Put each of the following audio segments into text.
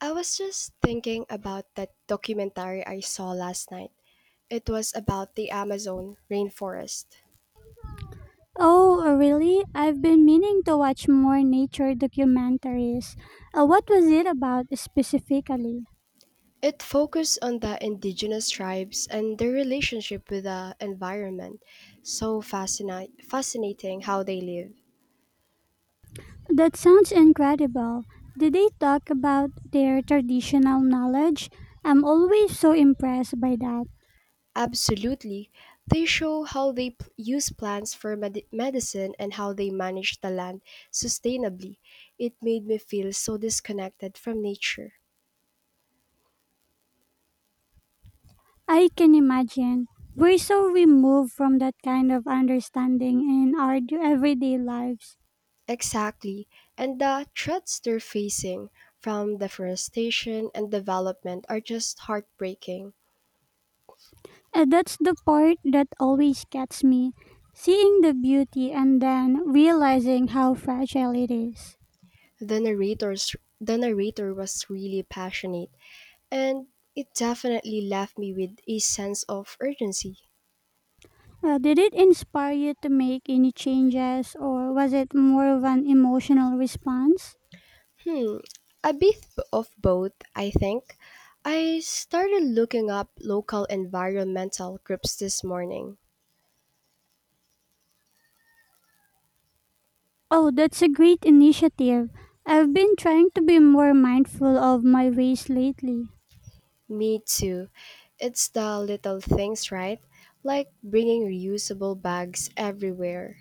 I was just thinking about that documentary I saw last night. It was about the Amazon rainforest. Oh, really? I've been meaning to watch more nature documentaries. What was it about specifically? It focused on the indigenous tribes and their relationship with the environment. So fascinating how they live. That sounds incredible. Did they talk about their traditional knowledge? I'm always so impressed by that. Absolutely. They show how they use plants for medicine and how they manage the land sustainably. It made me feel so disconnected from nature. I can imagine. We're so removed from that kind of understanding in our everyday lives. Exactly. And the threats they're facing from deforestation and development are just heartbreaking. That's the part that always gets me. Seeing the beauty and then realizing how fragile it is. The narrator's the narrator was really passionate, and it definitely left me with a sense of urgency. Well, did it inspire you to make any changes, or was it more of an emotional response? Hmm, a bit of both, I think. I started looking up local environmental groups this morning. Oh, that's a great initiative. I've been trying to be more mindful of my waste lately. Me too. It's the little things, right? Like bringing reusable bags everywhere.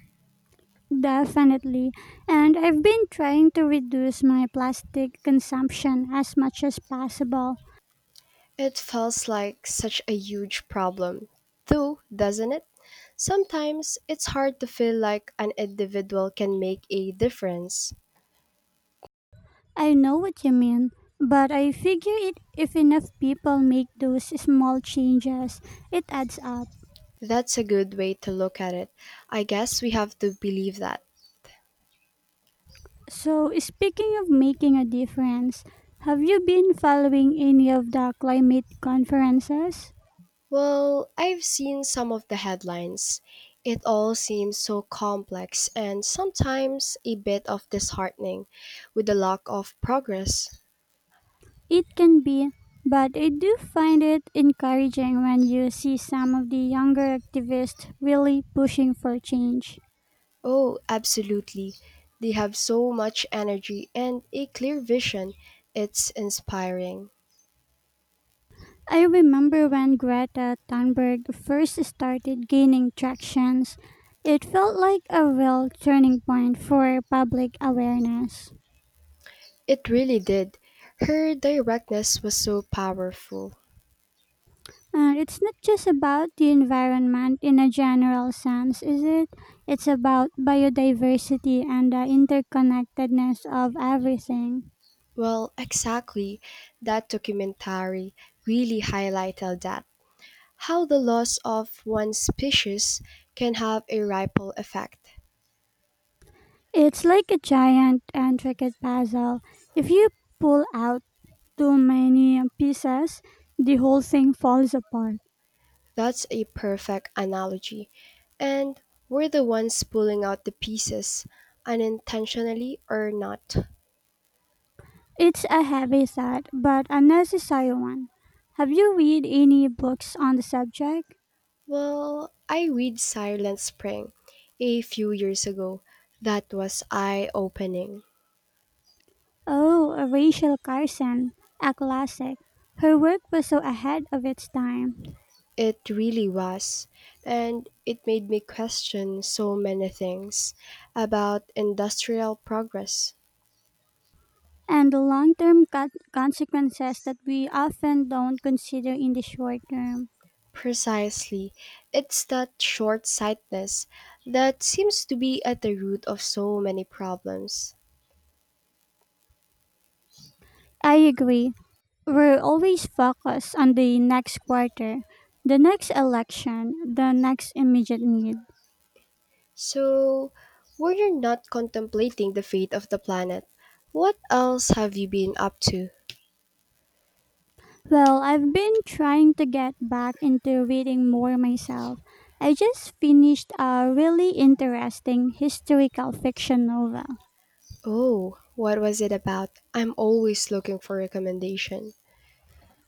Definitely. And I've been trying to reduce my plastic consumption as much as possible. It feels like such a huge problem, though, doesn't it? Sometimes it's hard to feel like an individual can make a difference. I know what you mean, but I figure it if enough people make those small changes, it adds up. That's a good way to look at it. I guess we have to believe that. So, speaking of making a difference, have you been following any of the climate conferences? Well, I've seen some of the headlines. It all seems so complex and sometimes a bit of disheartening with the lack of progress. It can be, but I do find it encouraging when you see some of the younger activists really pushing for change. Oh, absolutely. They have so much energy and a clear vision. It's inspiring. I remember when Greta Thunberg first started gaining tractions, it felt like a real turning point for public awareness. It really did. Her directness was so powerful. And it's not just about the environment in a general sense, is it? It's about biodiversity and the interconnectedness of everything. Well, exactly. That documentary really highlighted that. How the loss of one species can have a ripple effect. It's like a giant intricate puzzle. If you pull out too many pieces, the whole thing falls apart. That's a perfect analogy. And we're the ones pulling out the pieces, unintentionally or not. It's a heavy thought, but a necessary one. Have you read any books on the subject? Well, I read Silent Spring a few years ago. That was eye opening. Oh, Rachel Carson, a classic. Her work was so ahead of its time, It really was. And it made me question so many things about industrial progress. and the long term consequences that we often don't consider in the short term. Precisely. It's that short sightedness that seems to be at the root of so many problems. I agree. We're always focused on the next quarter, the next election, the next immediate need. So, were you not contemplating the fate of the planet? What else have you been up to? Well, I've been trying to get back into reading more myself. I just finished a really interesting historical fiction novel. Oh, what was it about? I'm always looking for recommendation.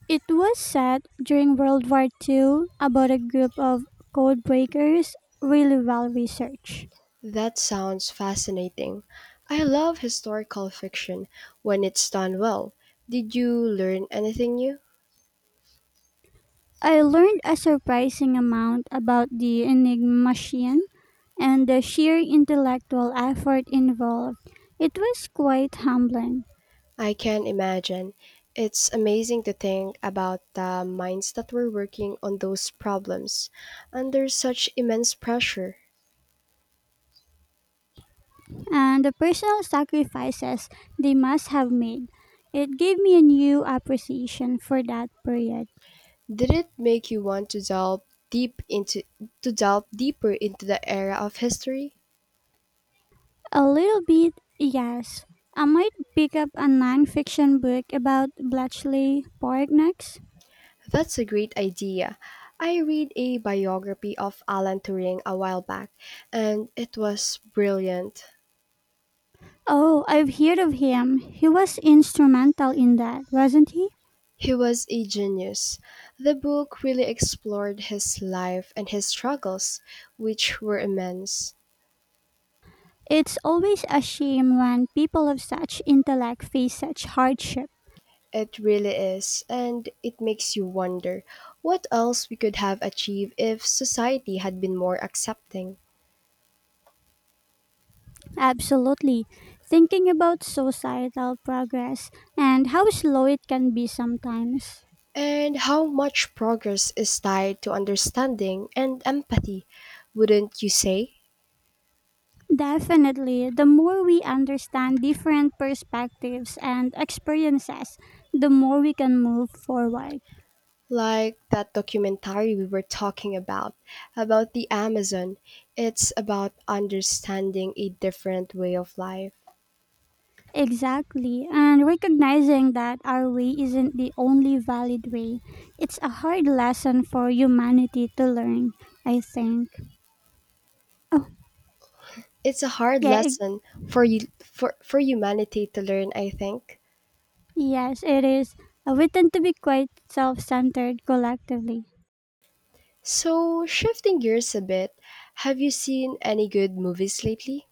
It was said during World War II, about a group of codebreakers, really well researched. That sounds fascinating. I love historical fiction when it's done well. Did you learn anything new? I learned a surprising amount about the Enigma machine and the sheer intellectual effort involved. It was quite humbling, I can imagine. It's amazing to think about the minds that were working on those problems under such immense pressure. and the personal sacrifices they must have made. It gave me a new appreciation for that period. Did it make you want to delve deep into to delve deeper into the era of history? A little bit, yes. I might pick up a non-fiction book about Bletchley Park next. That's a great idea. I read a biography of Alan Turing a while back, and it was brilliant. Oh, I've heard of him. He was instrumental in that, wasn't he? He was a genius. The book really explored his life and his struggles, which were immense. It's always a shame when people of such intellect face such hardship. It really is, and it makes you wonder what else we could have achieved if society had been more accepting, Absolutely. Thinking about societal progress and how slow it can be sometimes. and how much progress is tied to understanding and empathy, wouldn't you say? Definitely, the more we understand different perspectives and experiences, the more we can move forward. Like that documentary we were talking about the Amazon. It's about understanding a different way of life. Exactly, and recognizing that our way isn't the only valid way, it's a hard lesson for humanity to learn, I think. It's a hard Yeah, lesson for humanity to learn, I think. yes, it is. We tend to be quite self centered collectively. So, shifting gears a bit, have you seen any good movies lately?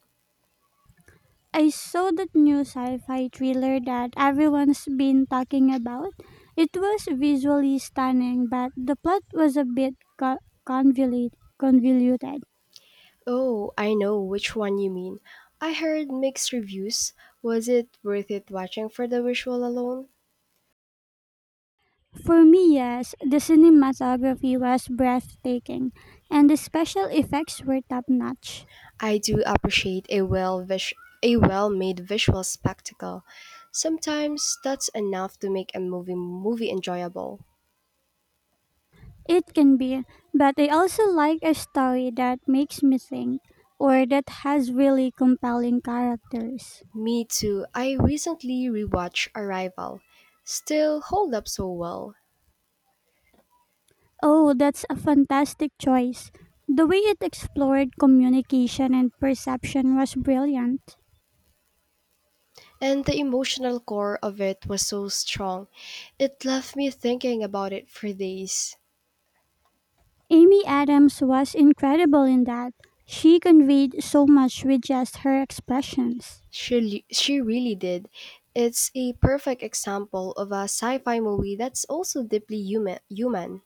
I saw that new sci-fi thriller that everyone's been talking about. It was visually stunning, but the plot was a bit convoluted. Oh, I know which one you mean. I heard mixed reviews. Was it worth it watching for the visual alone? For me, yes, the cinematography was breathtaking, and the special effects were top-notch. I do appreciate a a well-made visual spectacle. Sometimes that's enough to make a movie enjoyable. It can be, but I also like a story that makes me think, or that has really compelling characters. Me too. I recently rewatched Arrival. Still hold up so well. Oh, that's a fantastic choice. The way it explored communication and perception was brilliant. And the emotional core of it was so strong. It left me thinking about it for days. Amy Adams was incredible in that. She conveyed so much with just her expressions. She, she really did. It's a perfect example of a sci fi movie that's also deeply human.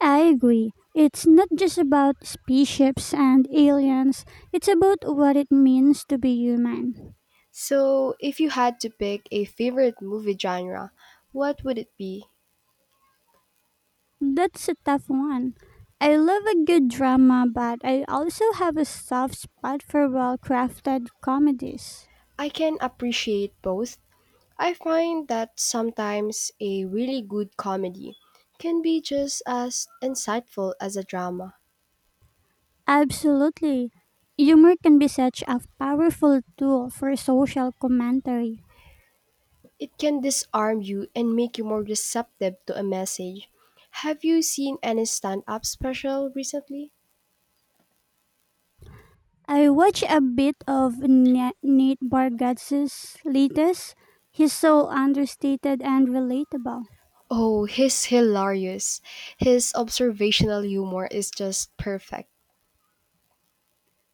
I agree. It's not just about spaceships and aliens, it's about what it means to be human. So, if you had to pick a favorite movie genre, what would it be? That's a tough one. I love a good drama, but I also have a soft spot for well crafted comedies. I can appreciate both. I find that sometimes a really good comedy can be just as insightful as a drama. Absolutely. Humor can be such a powerful tool for social commentary. It can disarm you and make you more receptive to a message. Have you seen any stand up special recently? I watched a bit of Nate Bargatze's latest. He's so understated and relatable. Oh, he's hilarious. His observational humor is just perfect.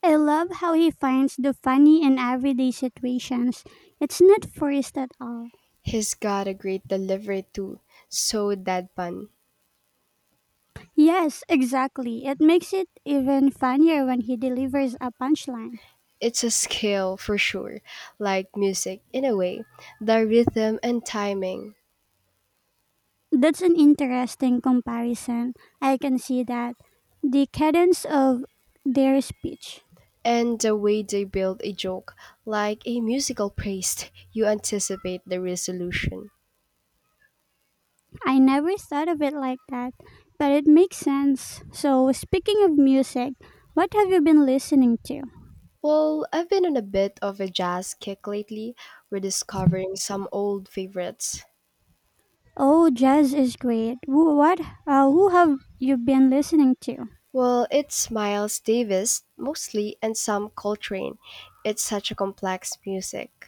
I love how he finds the funny in everyday situations. It's not forced at all. He's got a great delivery too, so deadpan. Yes, exactly. It makes it even funnier when he delivers a punchline. It's a skill for sure, like music in a way. The rhythm and timing, That's an interesting comparison. I can see that. The cadence of their speech. and the way they build a joke, like a musical paste, you anticipate the resolution. I never thought of it like that, but it makes sense. So, speaking of music, what have you been listening to? Well, I've been on a bit of a jazz kick lately, rediscovering some old favorites. Oh, jazz is great. Who, what? Who have you been listening to? Well, it's Miles Davis mostly and some Coltrane. It's such a complex music.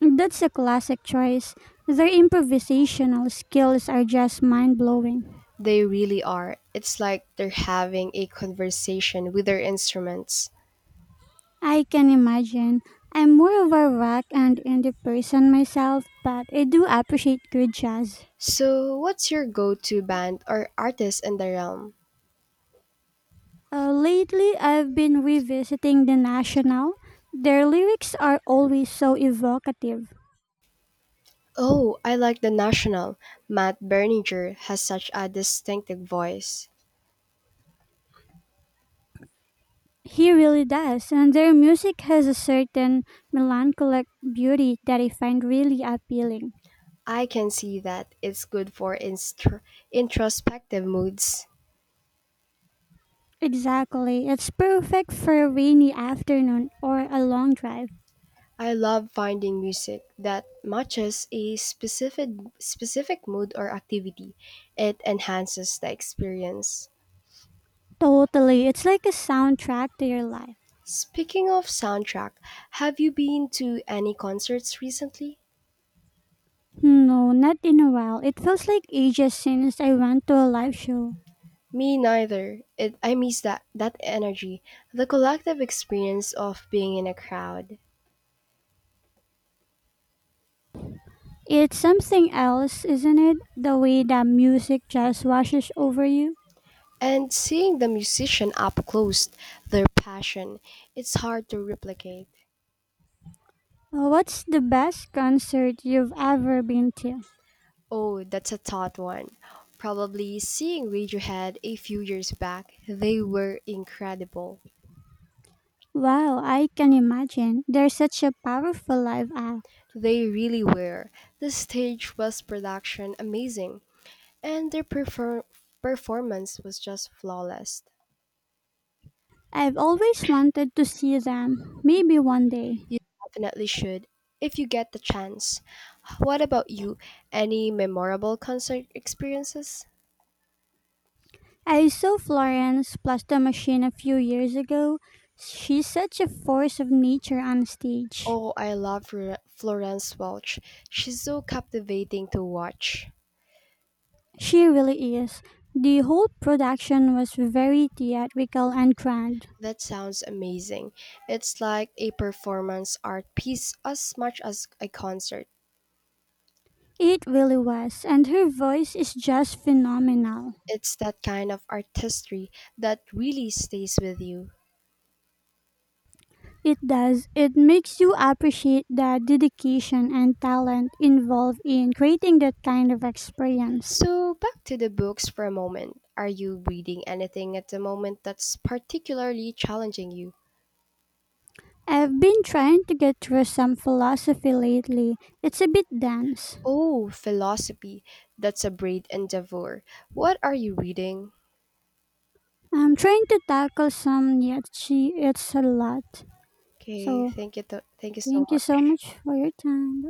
That's a classic choice. Their improvisational skills are just mind blowing. They really are. It's like they're having a conversation with their instruments. I can imagine. I'm more of a rock and indie person myself, but I do appreciate good jazz. So, what's your go to band or artist in the realm? Lately, I've been revisiting The National. Their lyrics are always so evocative. Oh, I like The National. Matt Berninger has such a distinctive voice. He really does, and their music has a certain melancholic beauty that I find really appealing. I can see that. It's good for instr introspective moods. Exactly. It's perfect for a rainy afternoon or a long drive. I love finding music that matches a specific mood or activity. It enhances the experience. Totally. It's like a soundtrack to your life. Speaking of soundtrack, have you been to any concerts recently? No, not in a while. It feels like ages since I went to a live show. Me neither. I miss that energy, the collective experience of being in a crowd It's something else, isn't it? The way that music just washes over you. and seeing the musician up close, their passion. It's hard to replicate. What's the best concert you've ever been to? Oh, that's a tough one. Probably seeing Radiohead a few years back, they were incredible. Wow, I can imagine. They're such a powerful live act. They really were. The stage was production amazing, and their performance was just flawless. I've always wanted to see them. Maybe one day. You definitely should, if you get the chance. What about you? Any memorable concert experiences? I saw Florence plus the machine a few years ago. She's such a force of nature on stage. Oh, I love Florence Welch. She's so captivating to watch. She really is. The whole production was very theatrical and grand. That sounds amazing. It's like a performance art piece as much as a concert. It really was, and her voice is just phenomenal. It's that kind of artistry that really stays with you. It does. It makes you appreciate the dedication and talent involved in creating that kind of experience. So, back to the books for a moment. Are you reading anything at the moment that's particularly challenging you? I've been trying to get through some philosophy lately. It's a bit dense. Oh, philosophy. That's a braid endeavor. What are you reading? I'm trying to tackle some yet she it's a lot. Okay, So thank you, thank you so thank you so much. much for your time. Bye